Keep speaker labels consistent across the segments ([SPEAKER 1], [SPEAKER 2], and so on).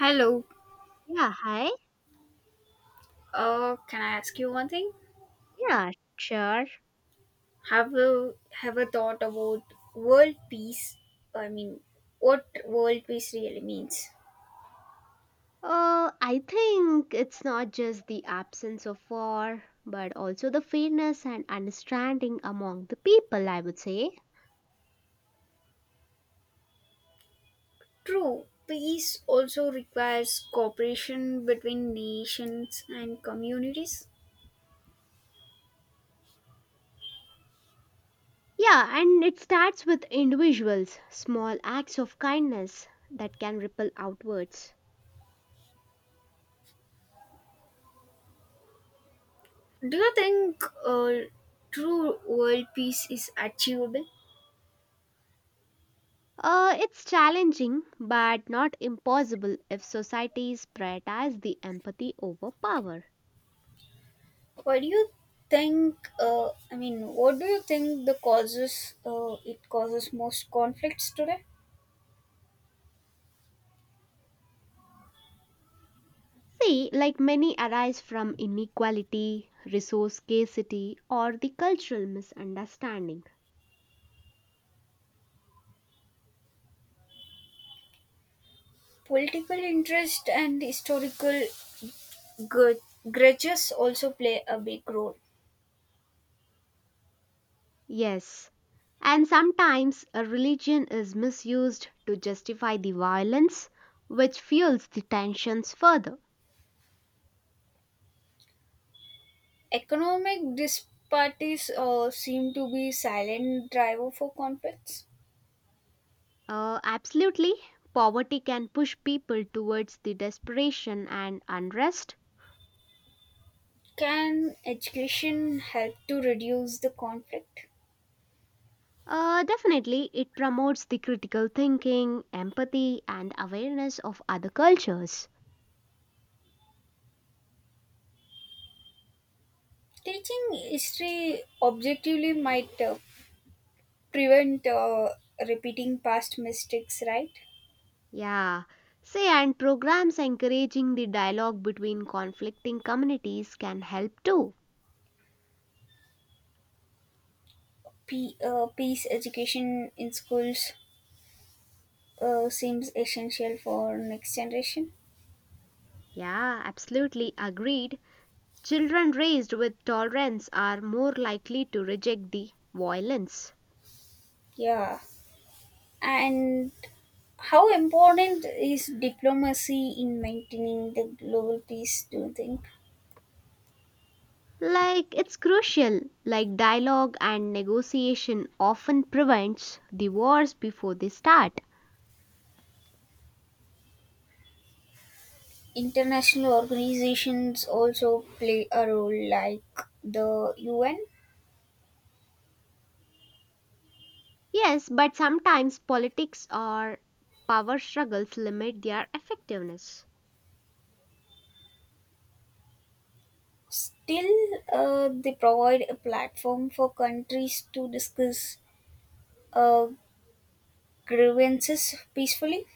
[SPEAKER 1] Hello.
[SPEAKER 2] Yeah, hi.
[SPEAKER 1] Can I ask you one thing?
[SPEAKER 2] Yeah, sure.
[SPEAKER 1] Have you have a thought about world peace? I mean, what world peace really means?
[SPEAKER 2] I think it's not just the absence of war, but also the fairness and understanding among the people, I would say.
[SPEAKER 1] True, peace also requires cooperation between nations and communities.
[SPEAKER 2] Yeah, and it starts with individuals, small acts of kindness that can ripple outwards.
[SPEAKER 1] Do you think true world peace is achievable?
[SPEAKER 2] It's challenging, but not impossible if societies prioritize the empathy over power.
[SPEAKER 1] What do you think? I mean, what do you think the causes it causes most conflicts today?
[SPEAKER 2] See, like many arise from inequality, resource scarcity, or the cultural misunderstanding.
[SPEAKER 1] Political interest and historical gr- grudges also play a big role.
[SPEAKER 2] Yes, and sometimes a religion is misused to justify the violence, which fuels the tensions further.
[SPEAKER 1] Economic disparities seem to be silent driver for conflicts.
[SPEAKER 2] Absolutely, poverty can push people towards the desperation and unrest.
[SPEAKER 1] Can education help to reduce the conflict?
[SPEAKER 2] Definitely, it promotes the critical thinking, empathy, and awareness of other cultures.
[SPEAKER 1] Teaching history objectively might prevent repeating past mistakes, right?
[SPEAKER 2] Yeah. Say, and programs encouraging the dialogue between conflicting communities can help too.
[SPEAKER 1] Peace education in schools seems essential for next generation.
[SPEAKER 2] Yeah, absolutely agreed. Children raised with tolerance are more likely to reject the violence.
[SPEAKER 1] Yeah. And how important is diplomacy in maintaining the global peace? Do you think
[SPEAKER 2] Like, it's crucial. Like, dialogue and negotiation often prevents the wars before they start.
[SPEAKER 1] international organizations also play a role like the UN?
[SPEAKER 2] Yes, but sometimes politics or power struggles limit their effectiveness.
[SPEAKER 1] Still, they provide a platform for countries to discuss uh, grievances peacefully.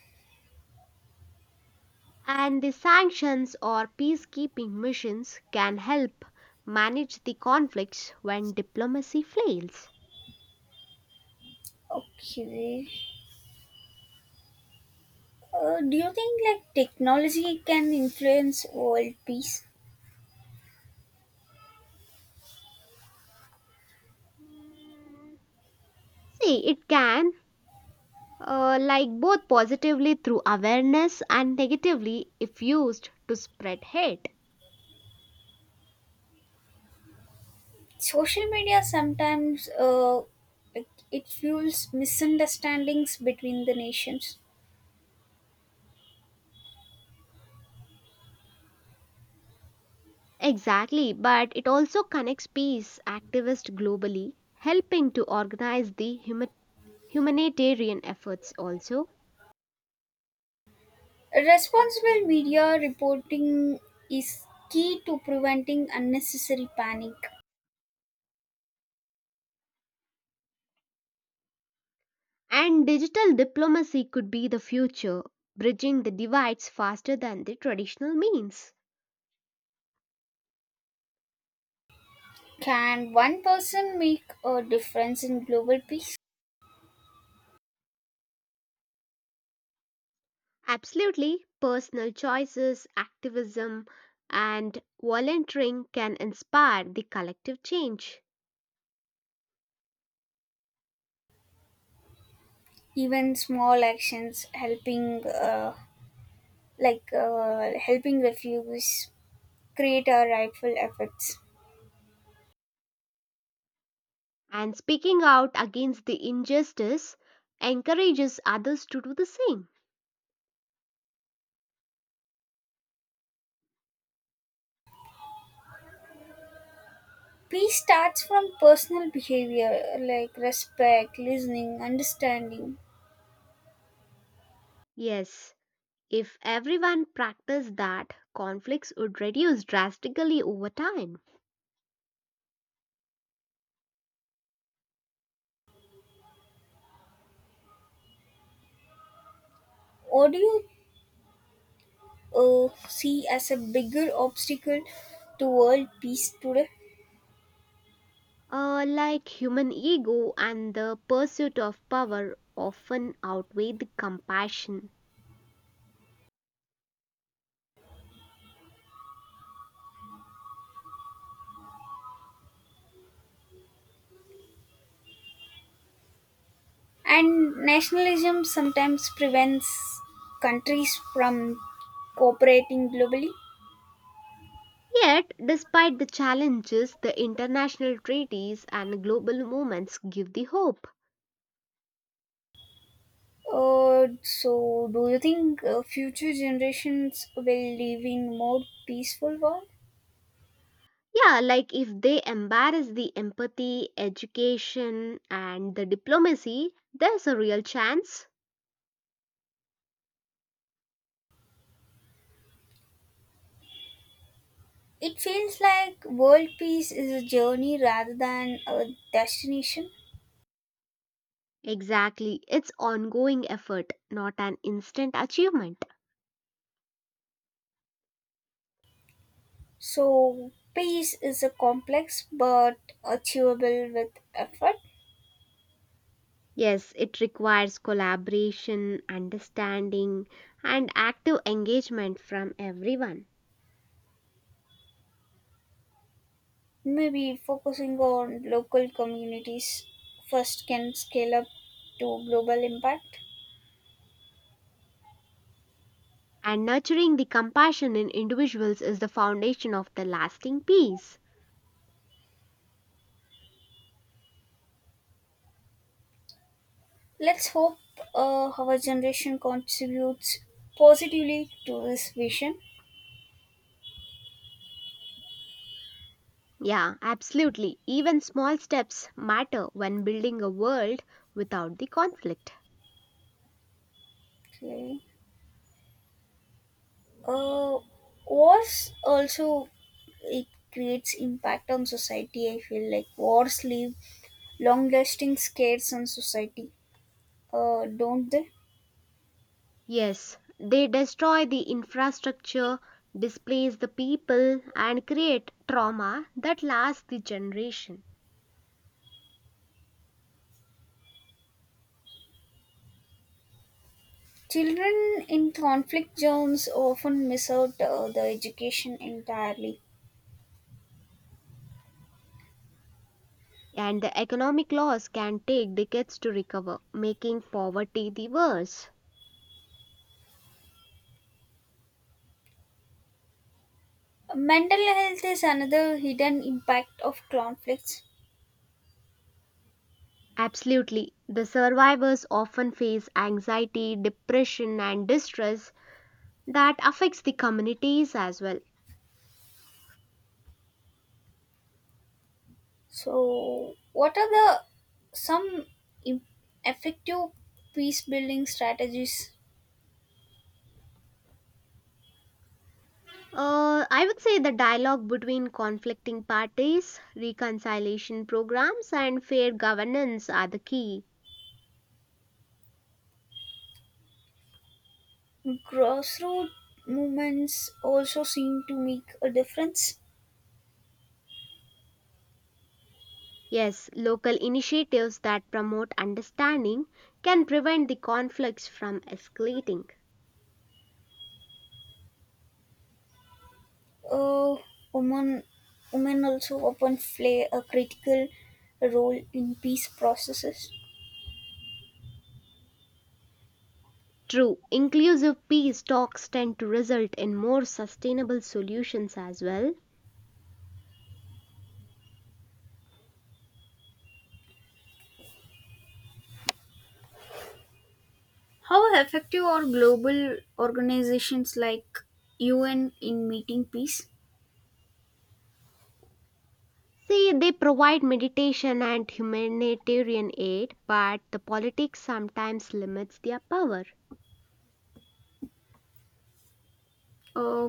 [SPEAKER 2] And the sanctions or peacekeeping missions can help manage the conflicts when diplomacy fails.
[SPEAKER 1] Okay. Do you think like technology can influence world peace?
[SPEAKER 2] Mm, See, it can, like both positively through awareness and negatively if used to spread hate.
[SPEAKER 1] Social media sometimes it fuels misunderstandings between the nations.
[SPEAKER 2] Exactly, but it also connects peace activists globally, helping to organize the humanitarian efforts also.
[SPEAKER 1] Responsible media reporting is key to preventing unnecessary panic.
[SPEAKER 2] And digital diplomacy could be the future, bridging the divides faster than the traditional means.
[SPEAKER 1] Can one person make a difference in global peace?
[SPEAKER 2] Absolutely, personal choices, activism, and volunteering can inspire the collective change.
[SPEAKER 1] Even small actions helping helping refugees create a rightful effects.
[SPEAKER 2] And speaking out against the injustice encourages others to do the same.
[SPEAKER 1] Peace starts from personal behavior like respect, listening, understanding.
[SPEAKER 2] Yes, if everyone practiced that, conflicts would reduce drastically over time.
[SPEAKER 1] What do you see as a bigger obstacle to world peace today?
[SPEAKER 2] Like human ego and the pursuit of power often outweigh the compassion.
[SPEAKER 1] And nationalism sometimes prevents countries from cooperating globally.
[SPEAKER 2] Yet, despite the challenges, the international treaties and global movements give the hope.
[SPEAKER 1] So, do you think future generations will live in more peaceful world?
[SPEAKER 2] Yeah, like if they embrace the empathy, education, and the diplomacy, there's a real chance.
[SPEAKER 1] It feels like world peace is a journey rather than a destination.
[SPEAKER 2] Exactly, it's ongoing effort, not an instant achievement.
[SPEAKER 1] So, pace is a complex but achievable with effort.
[SPEAKER 2] Yes, it requires collaboration, understanding, and active engagement from everyone.
[SPEAKER 1] Maybe focusing on local communities first can scale up to global impact.
[SPEAKER 2] And nurturing the compassion in individuals is the foundation of the lasting peace.
[SPEAKER 1] Let's hope our generation contributes positively to this vision.
[SPEAKER 2] Yeah, absolutely. Even small steps matter when building a world without the conflict.
[SPEAKER 1] Okay. Uh, Wars also it creates impact on society. I feel like wars leave long-lasting scars on society, don't they?
[SPEAKER 2] Yes, they destroy the infrastructure, displace the people, and create trauma that lasts the generation.
[SPEAKER 1] Children in conflict zones often miss out the education entirely.
[SPEAKER 2] And the economic loss can take decades to recover, making poverty the worst.
[SPEAKER 1] Mental health is another hidden impact of conflicts.
[SPEAKER 2] Absolutely, the survivors often face anxiety, depression, and distress that affects the communities as well.
[SPEAKER 1] So, what are the some im- effective peace building strategies?
[SPEAKER 2] I would say the dialogue between conflicting parties, reconciliation programs, and fair governance are the key.
[SPEAKER 1] Grassroots movements also seem to make a difference.
[SPEAKER 2] Yes, local initiatives that promote understanding can prevent the conflicts from escalating.
[SPEAKER 1] Uh, women, Women also often play a critical role in peace processes.
[SPEAKER 2] True, inclusive peace talks tend to result in more sustainable solutions as well.
[SPEAKER 1] How effective are global organizations like UN in meeting peace?
[SPEAKER 2] See, they provide meditation and humanitarian aid, but the politics sometimes limits their power.
[SPEAKER 1] Uh,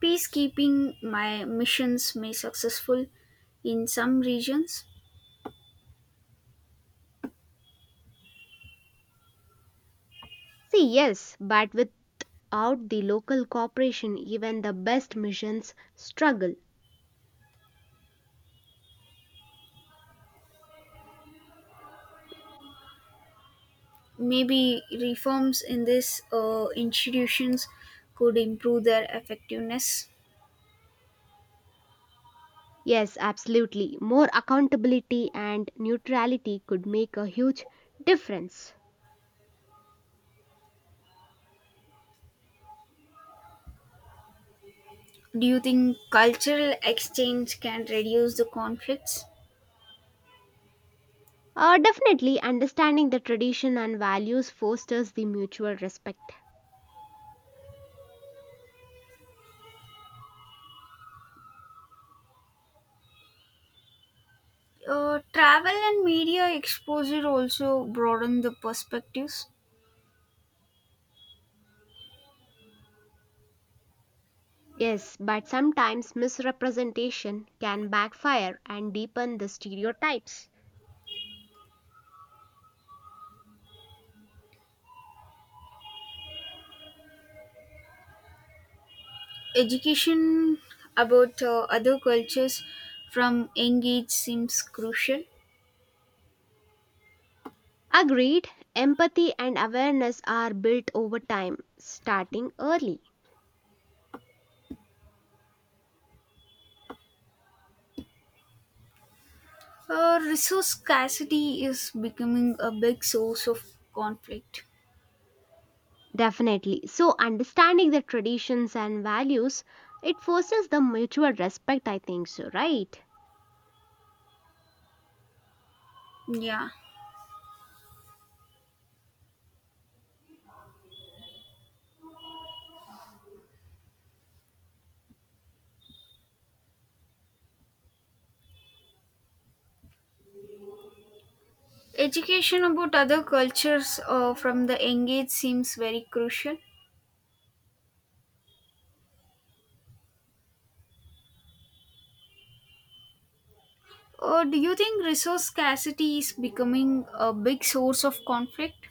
[SPEAKER 1] Peacekeeping my missions may successful in some regions.
[SPEAKER 2] See, yes, but without the local cooperation, even the best missions struggle.
[SPEAKER 1] Maybe reforms in these institutions could improve their effectiveness.
[SPEAKER 2] Yes, absolutely. More accountability and neutrality could make a huge difference.
[SPEAKER 1] Do you think cultural exchange can reduce the conflicts?
[SPEAKER 2] Definitely, understanding the tradition and values fosters the mutual respect.
[SPEAKER 1] Travel and media exposure also broaden the perspectives.
[SPEAKER 2] Yes, but sometimes misrepresentation can backfire and deepen the stereotypes.
[SPEAKER 1] Education about other cultures from young age seems crucial.
[SPEAKER 2] Agreed, empathy and awareness are built over time, starting early.
[SPEAKER 1] Resource scarcity is becoming a big source of conflict.
[SPEAKER 2] Definitely. So, understanding the traditions and values, it fosters the mutual respect, I think so, right?
[SPEAKER 1] Yeah. Education about other cultures from the young age seems very crucial. Or do you think resource scarcity is becoming a big source of conflict?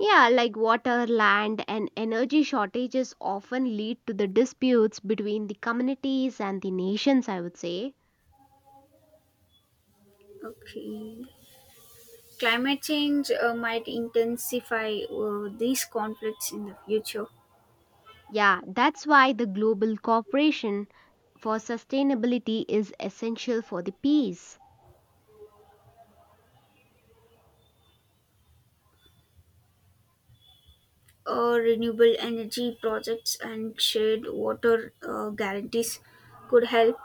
[SPEAKER 2] Yeah, like water, land, and energy shortages often lead to the disputes between the communities and the nations, I would say.
[SPEAKER 1] Okay. Climate change might intensify these conflicts in the future.
[SPEAKER 2] Yeah, that's why the global cooperation for sustainability is essential for the peace.
[SPEAKER 1] Uh, renewable energy projects and shared water guarantees could help.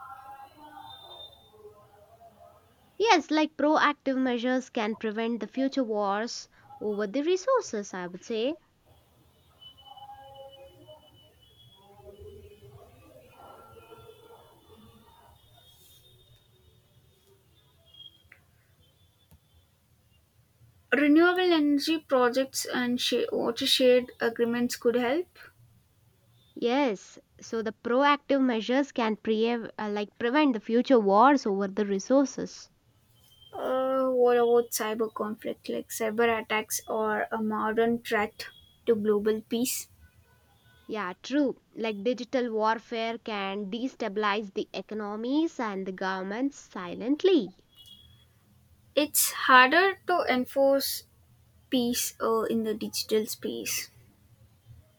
[SPEAKER 2] Yes, like proactive measures can prevent the future wars over the resources, I would say.
[SPEAKER 1] Renewable energy projects and water shared agreements could help.
[SPEAKER 2] Yes, so the proactive measures can like prevent the future wars over the resources.
[SPEAKER 1] What about cyber conflict, like cyber attacks or a modern threat to global peace?
[SPEAKER 2] Yeah, true. Like digital warfare can destabilize the economies and the governments silently.
[SPEAKER 1] It's harder to enforce peace in the digital space.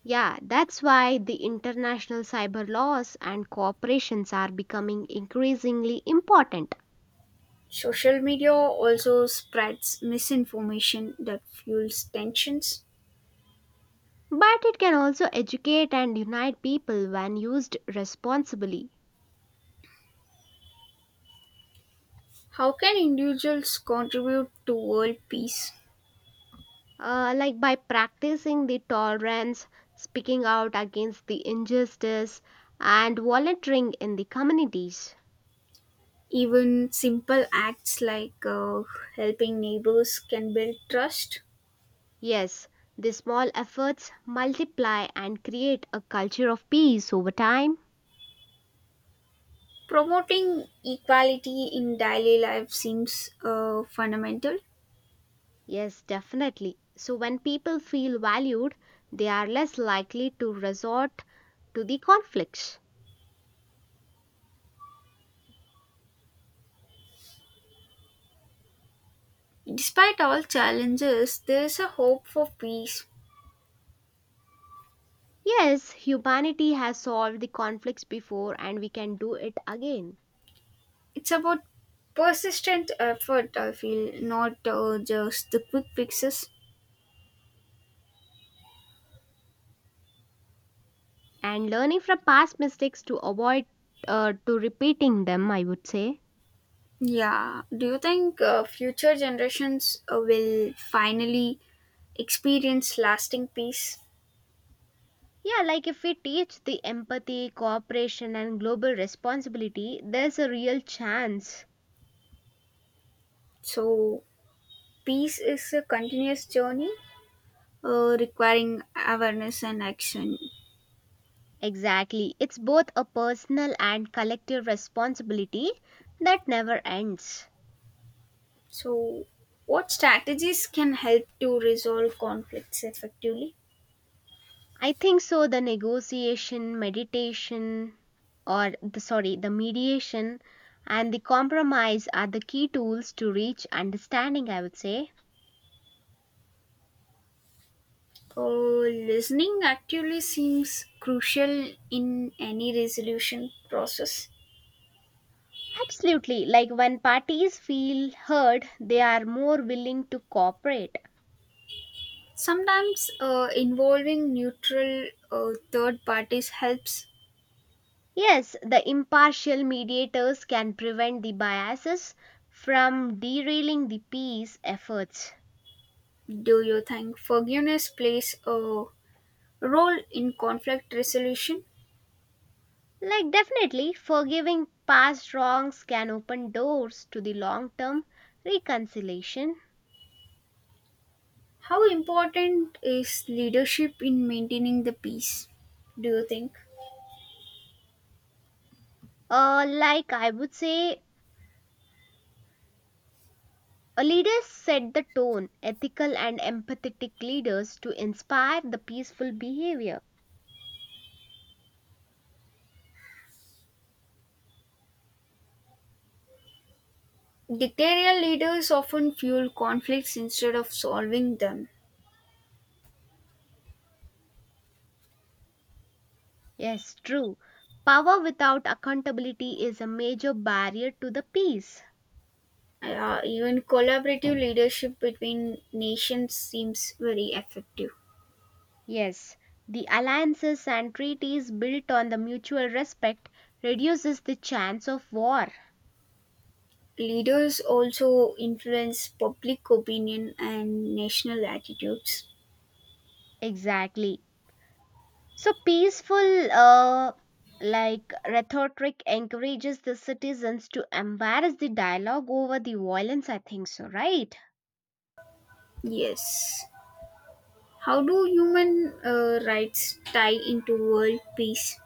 [SPEAKER 2] Yeah, that's why the international cyber laws and cooperations are becoming increasingly important.
[SPEAKER 1] Social media also spreads misinformation that fuels tensions.
[SPEAKER 2] But it can also educate and unite people when used responsibly.
[SPEAKER 1] How can individuals contribute to world peace?
[SPEAKER 2] Like by practicing the tolerance, speaking out against the injustice, and volunteering in the communities.
[SPEAKER 1] Even simple acts like helping neighbors can build trust.
[SPEAKER 2] Yes, the small efforts multiply and create a culture of peace over time.
[SPEAKER 1] Promoting equality in daily life seems fundamental.
[SPEAKER 2] Yes, definitely. So, when people feel valued, they are less likely to resort to the conflicts.
[SPEAKER 1] Despite all challenges, there is a hope for peace.
[SPEAKER 2] Yes, humanity has solved the conflicts before and we can do it again.
[SPEAKER 1] It's about persistent effort, I feel, not just the quick fixes.
[SPEAKER 2] And learning from past mistakes to avoid to repeating them, I would say.
[SPEAKER 1] Yeah. Do you think future generations will finally experience lasting peace.
[SPEAKER 2] Yeah, like if we teach the empathy, cooperation, and global responsibility, there's a real chance.
[SPEAKER 1] So, peace is a continuous journey requiring awareness and action.
[SPEAKER 2] Exactly. It's both a personal and collective responsibility that never ends.
[SPEAKER 1] So, what strategies can help to resolve conflicts effectively?
[SPEAKER 2] I think so the negotiation, meditation or the sorry, the mediation and the compromise are the key tools to reach understanding, I would say.
[SPEAKER 1] Uh, Listening actually seems crucial in any resolution process.
[SPEAKER 2] Absolutely. Like when parties feel heard, they are more willing to cooperate.
[SPEAKER 1] Sometimes involving neutral third parties helps.
[SPEAKER 2] Yes, the impartial mediators can prevent the biases from derailing the peace efforts.
[SPEAKER 1] Do you think forgiveness plays a role in conflict resolution?
[SPEAKER 2] Like, definitely, forgiving past wrongs can open doors to the long term reconciliation.
[SPEAKER 1] How important is leadership in maintaining the peace, do you think?
[SPEAKER 2] I would say, a leader set the tone, ethical and empathetic leaders to inspire the peaceful behavior.
[SPEAKER 1] Dictatorial leaders often fuel conflicts instead of solving them.
[SPEAKER 2] Yes, true. Power without accountability is a major barrier to the peace.
[SPEAKER 1] Even collaborative leadership between nations seems very effective.
[SPEAKER 2] Yes, the alliances and treaties built on the mutual respect reduces the chance of war.
[SPEAKER 1] Leaders also influence public opinion and national attitudes.
[SPEAKER 2] Exactly. So peaceful, like rhetoric encourages the citizens to embrace the dialogue over the violence. I think so, right?
[SPEAKER 1] Yes. How do human rights tie into world peace?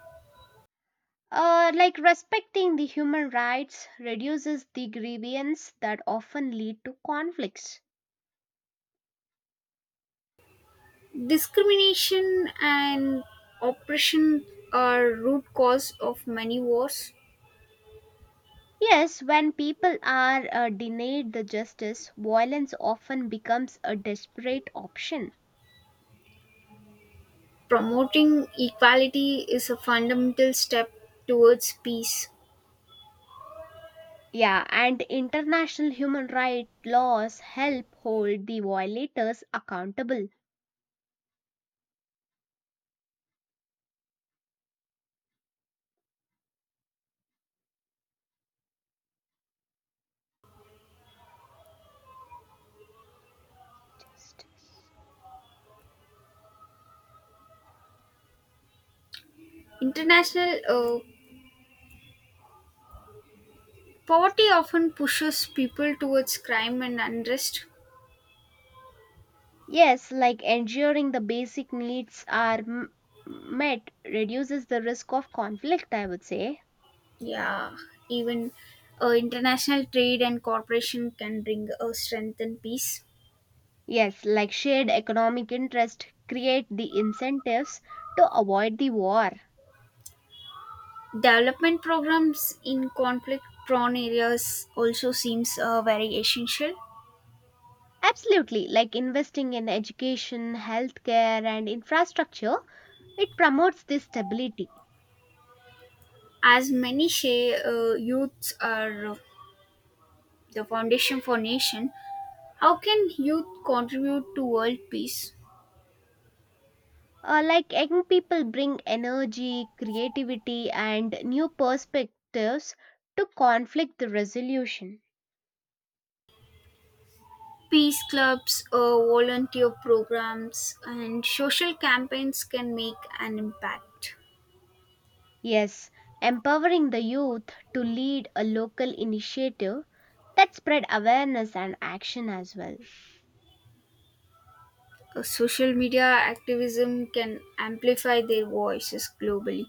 [SPEAKER 2] Like respecting the human rights reduces the grievance that often lead to conflicts.
[SPEAKER 1] Discrimination and oppression are root cause of many wars.
[SPEAKER 2] Yes, when people are denied the justice, violence often becomes a desperate option.
[SPEAKER 1] Promoting equality is a fundamental step towards peace.
[SPEAKER 2] Yeah, and international human rights laws help hold the violators accountable. Justice.
[SPEAKER 1] International poverty often pushes people towards crime and unrest.
[SPEAKER 2] Yes, like ensuring the basic needs are met reduces the risk of conflict, I would say.
[SPEAKER 1] Yeah, even international trade and cooperation can bring a strength and peace.
[SPEAKER 2] Yes, like shared economic interest create the incentives to avoid the war.
[SPEAKER 1] Development programs in conflict prone areas also seems very essential.
[SPEAKER 2] Absolutely, like investing in education, healthcare, and infrastructure, it promotes this stability.
[SPEAKER 1] As many youths are the foundation for nation, how can youth contribute to world peace?
[SPEAKER 2] Like young people bring energy, creativity, and new perspectives to conflict resolution.
[SPEAKER 1] Peace clubs, volunteer programs, and social campaigns can make an impact.
[SPEAKER 2] Yes, empowering the youth to lead a local initiative that spread awareness and action as well.
[SPEAKER 1] Social media activism can amplify their voices globally.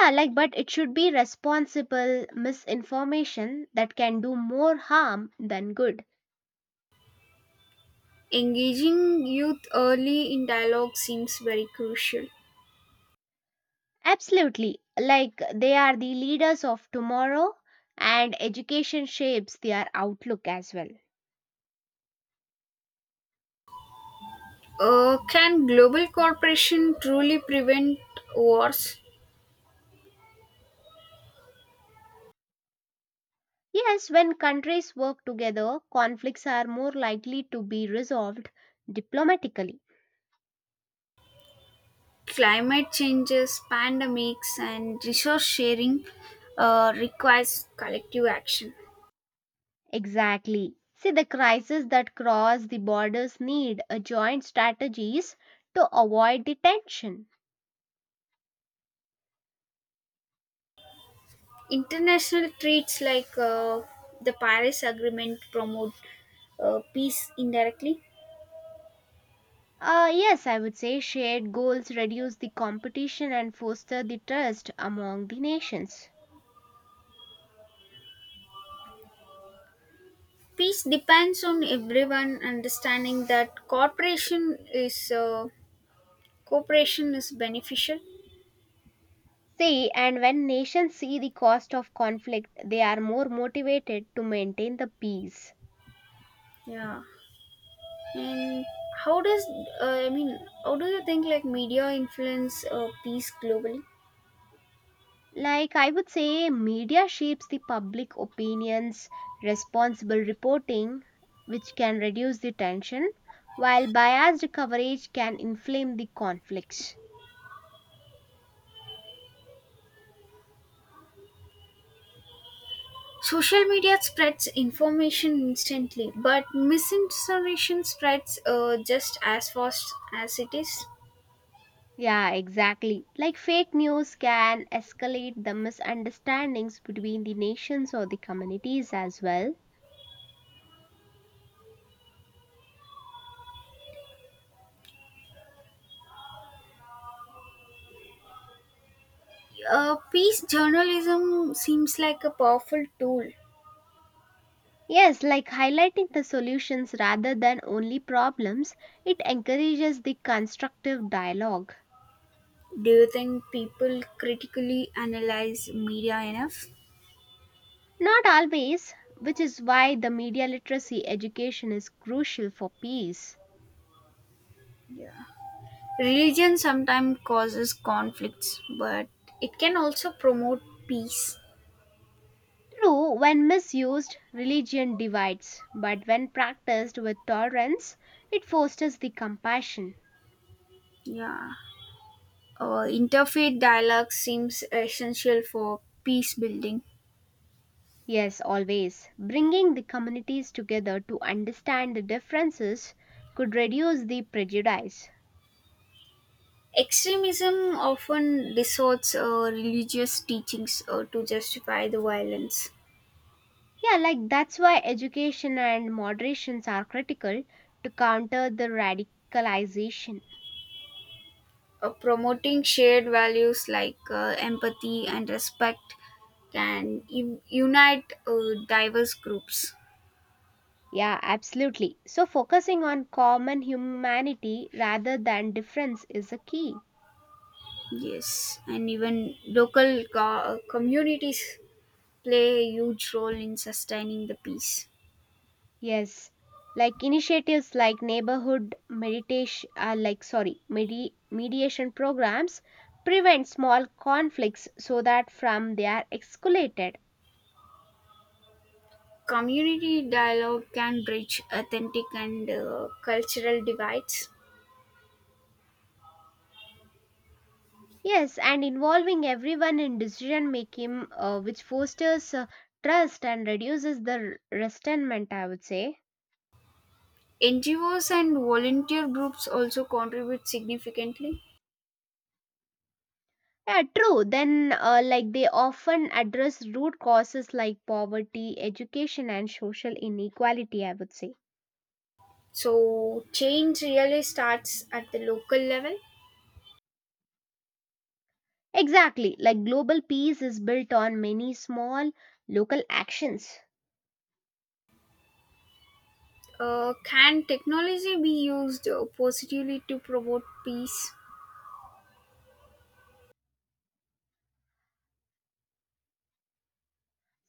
[SPEAKER 2] Yeah, like but it should be responsible misinformation that can do more harm than good.
[SPEAKER 1] Engaging youth early in dialogue seems very crucial.
[SPEAKER 2] Absolutely. Like they are the leaders of tomorrow and education shapes their outlook as well.
[SPEAKER 1] Can global cooperation truly prevent wars?
[SPEAKER 2] Yes, when countries work together, conflicts are more likely to be resolved diplomatically.
[SPEAKER 1] Climate changes, pandemics, and resource sharing requires collective action.
[SPEAKER 2] Exactly. See, the crises that cross the borders need a joint strategies to avoid the tension.
[SPEAKER 1] International treaties like the Paris Agreement promote peace indirectly.
[SPEAKER 2] Yes, I would say shared goals reduce the competition and foster the trust among the nations.
[SPEAKER 1] Peace depends on everyone understanding that cooperation is beneficial.
[SPEAKER 2] See, and when nations see the cost of conflict, they are more motivated to maintain the peace.
[SPEAKER 1] Yeah, and how does I mean? How do you think like media influence peace globally?
[SPEAKER 2] Like I would say, media shapes the public opinions, responsible reporting, which can reduce the tension, while biased coverage can inflame the conflicts.
[SPEAKER 1] Social media spreads information instantly, but misinformation spreads just as fast as it is.
[SPEAKER 2] Yeah, exactly. Like fake news can escalate the misunderstandings between the nations or the communities as well.
[SPEAKER 1] Peace journalism seems like a powerful tool.
[SPEAKER 2] Yes, like highlighting the solutions rather than only problems, it encourages the constructive dialogue.
[SPEAKER 1] Do you think people critically analyze media enough?
[SPEAKER 2] Not always, which is why the media literacy education is crucial for peace.
[SPEAKER 1] Yeah. Religion sometimes causes conflicts, but it can also promote peace.
[SPEAKER 2] True, when misused, religion divides, but when practiced with tolerance, it fosters the compassion.
[SPEAKER 1] Yeah. Interfaith dialogue seems essential for peace building.
[SPEAKER 2] Yes, always. Bringing the communities together to understand the differences could reduce the prejudice.
[SPEAKER 1] Extremism often distorts religious teachings to justify the violence.
[SPEAKER 2] Yeah, like that's why education and moderations are critical to counter the radicalization.
[SPEAKER 1] Promoting shared values like empathy and respect can unite diverse groups.
[SPEAKER 2] Yeah, absolutely. So, focusing on common humanity rather than difference is a key.
[SPEAKER 1] Yes, and even local communities play a huge role in sustaining the peace.
[SPEAKER 2] Yes, like initiatives like neighborhood meditation, mediation programs prevent small conflicts so that from they are escalated.
[SPEAKER 1] Community dialogue can bridge authentic and cultural divides.
[SPEAKER 2] Yes, and involving everyone in decision making, which fosters trust and reduces the resentment. I would say.
[SPEAKER 1] NGOs and volunteer groups also contribute significantly.
[SPEAKER 2] Yeah, true. Then, like, they often address root causes like poverty, education, and social inequality, I would say.
[SPEAKER 1] So, change really starts at the local level.
[SPEAKER 2] Exactly. Like, global peace is built on many small local actions.
[SPEAKER 1] Can technology be used positively to promote peace?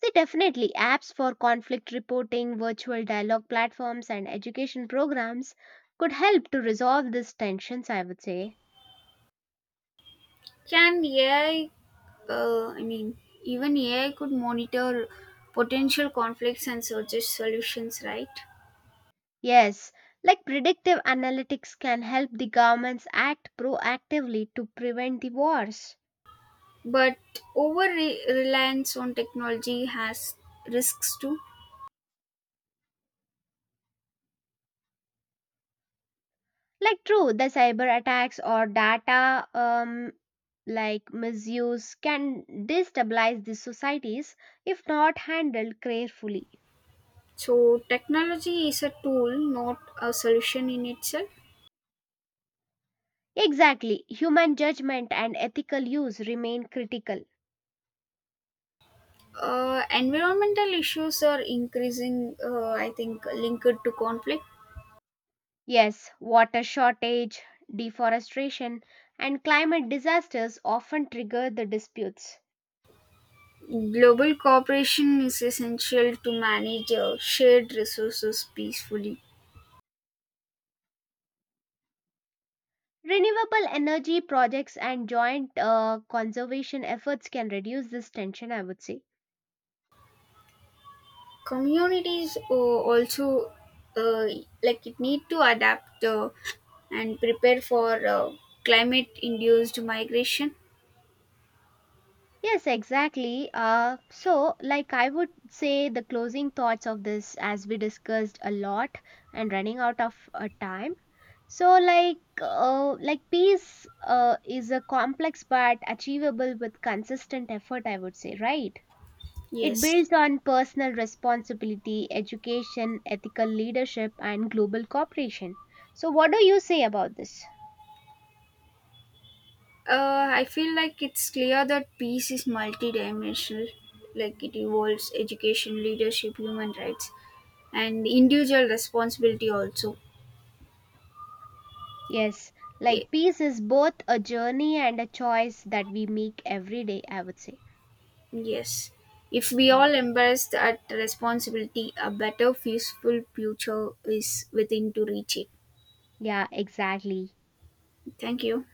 [SPEAKER 2] So, definitely, apps for conflict reporting, virtual dialogue platforms, and education programs could help to resolve these tensions, I would say.
[SPEAKER 1] Can AI, uh, I mean, even AI could monitor potential conflicts and suggest solutions, right?
[SPEAKER 2] Yes, like predictive analytics can help the governments act proactively to prevent the wars.
[SPEAKER 1] But over reliance on technology has risks too.
[SPEAKER 2] Like, true, the cyber attacks or data like misuse can destabilize these societies if not handled carefully.
[SPEAKER 1] So, technology is a tool, not a solution in itself.
[SPEAKER 2] Exactly, human judgment and ethical use remain critical.
[SPEAKER 1] Environmental issues are increasing, I think, linked to conflict.
[SPEAKER 2] Yes, water shortage, deforestation, and climate disasters often trigger the disputes.
[SPEAKER 1] Global cooperation is essential to manage shared resources peacefully.
[SPEAKER 2] Renewable energy projects and joint conservation efforts can reduce this tension, I would say.
[SPEAKER 1] Communities also uh, like it need to adapt and prepare for climate induced migration.
[SPEAKER 2] Yes, exactly. So, I would say the closing thoughts of this, as we discussed a lot and running out of time. So, like, like peace is a complex but achievable with consistent effort. I would say, right? It
[SPEAKER 1] Yes.
[SPEAKER 2] builds on personal responsibility, education, ethical leadership, and global cooperation. So, what do you say about this?
[SPEAKER 1] I feel like it's clear that peace is multidimensional, like it involves education, leadership, human rights, and individual responsibility also.
[SPEAKER 2] Yes,
[SPEAKER 1] Y-
[SPEAKER 2] like peace is both a journey and a choice that we make every day, I would say.
[SPEAKER 1] Yes, if we
[SPEAKER 2] Yeah.
[SPEAKER 1] all embrace that responsibility, a better, peaceful future is within to reach it.
[SPEAKER 2] Yeah, exactly.
[SPEAKER 1] Thank you.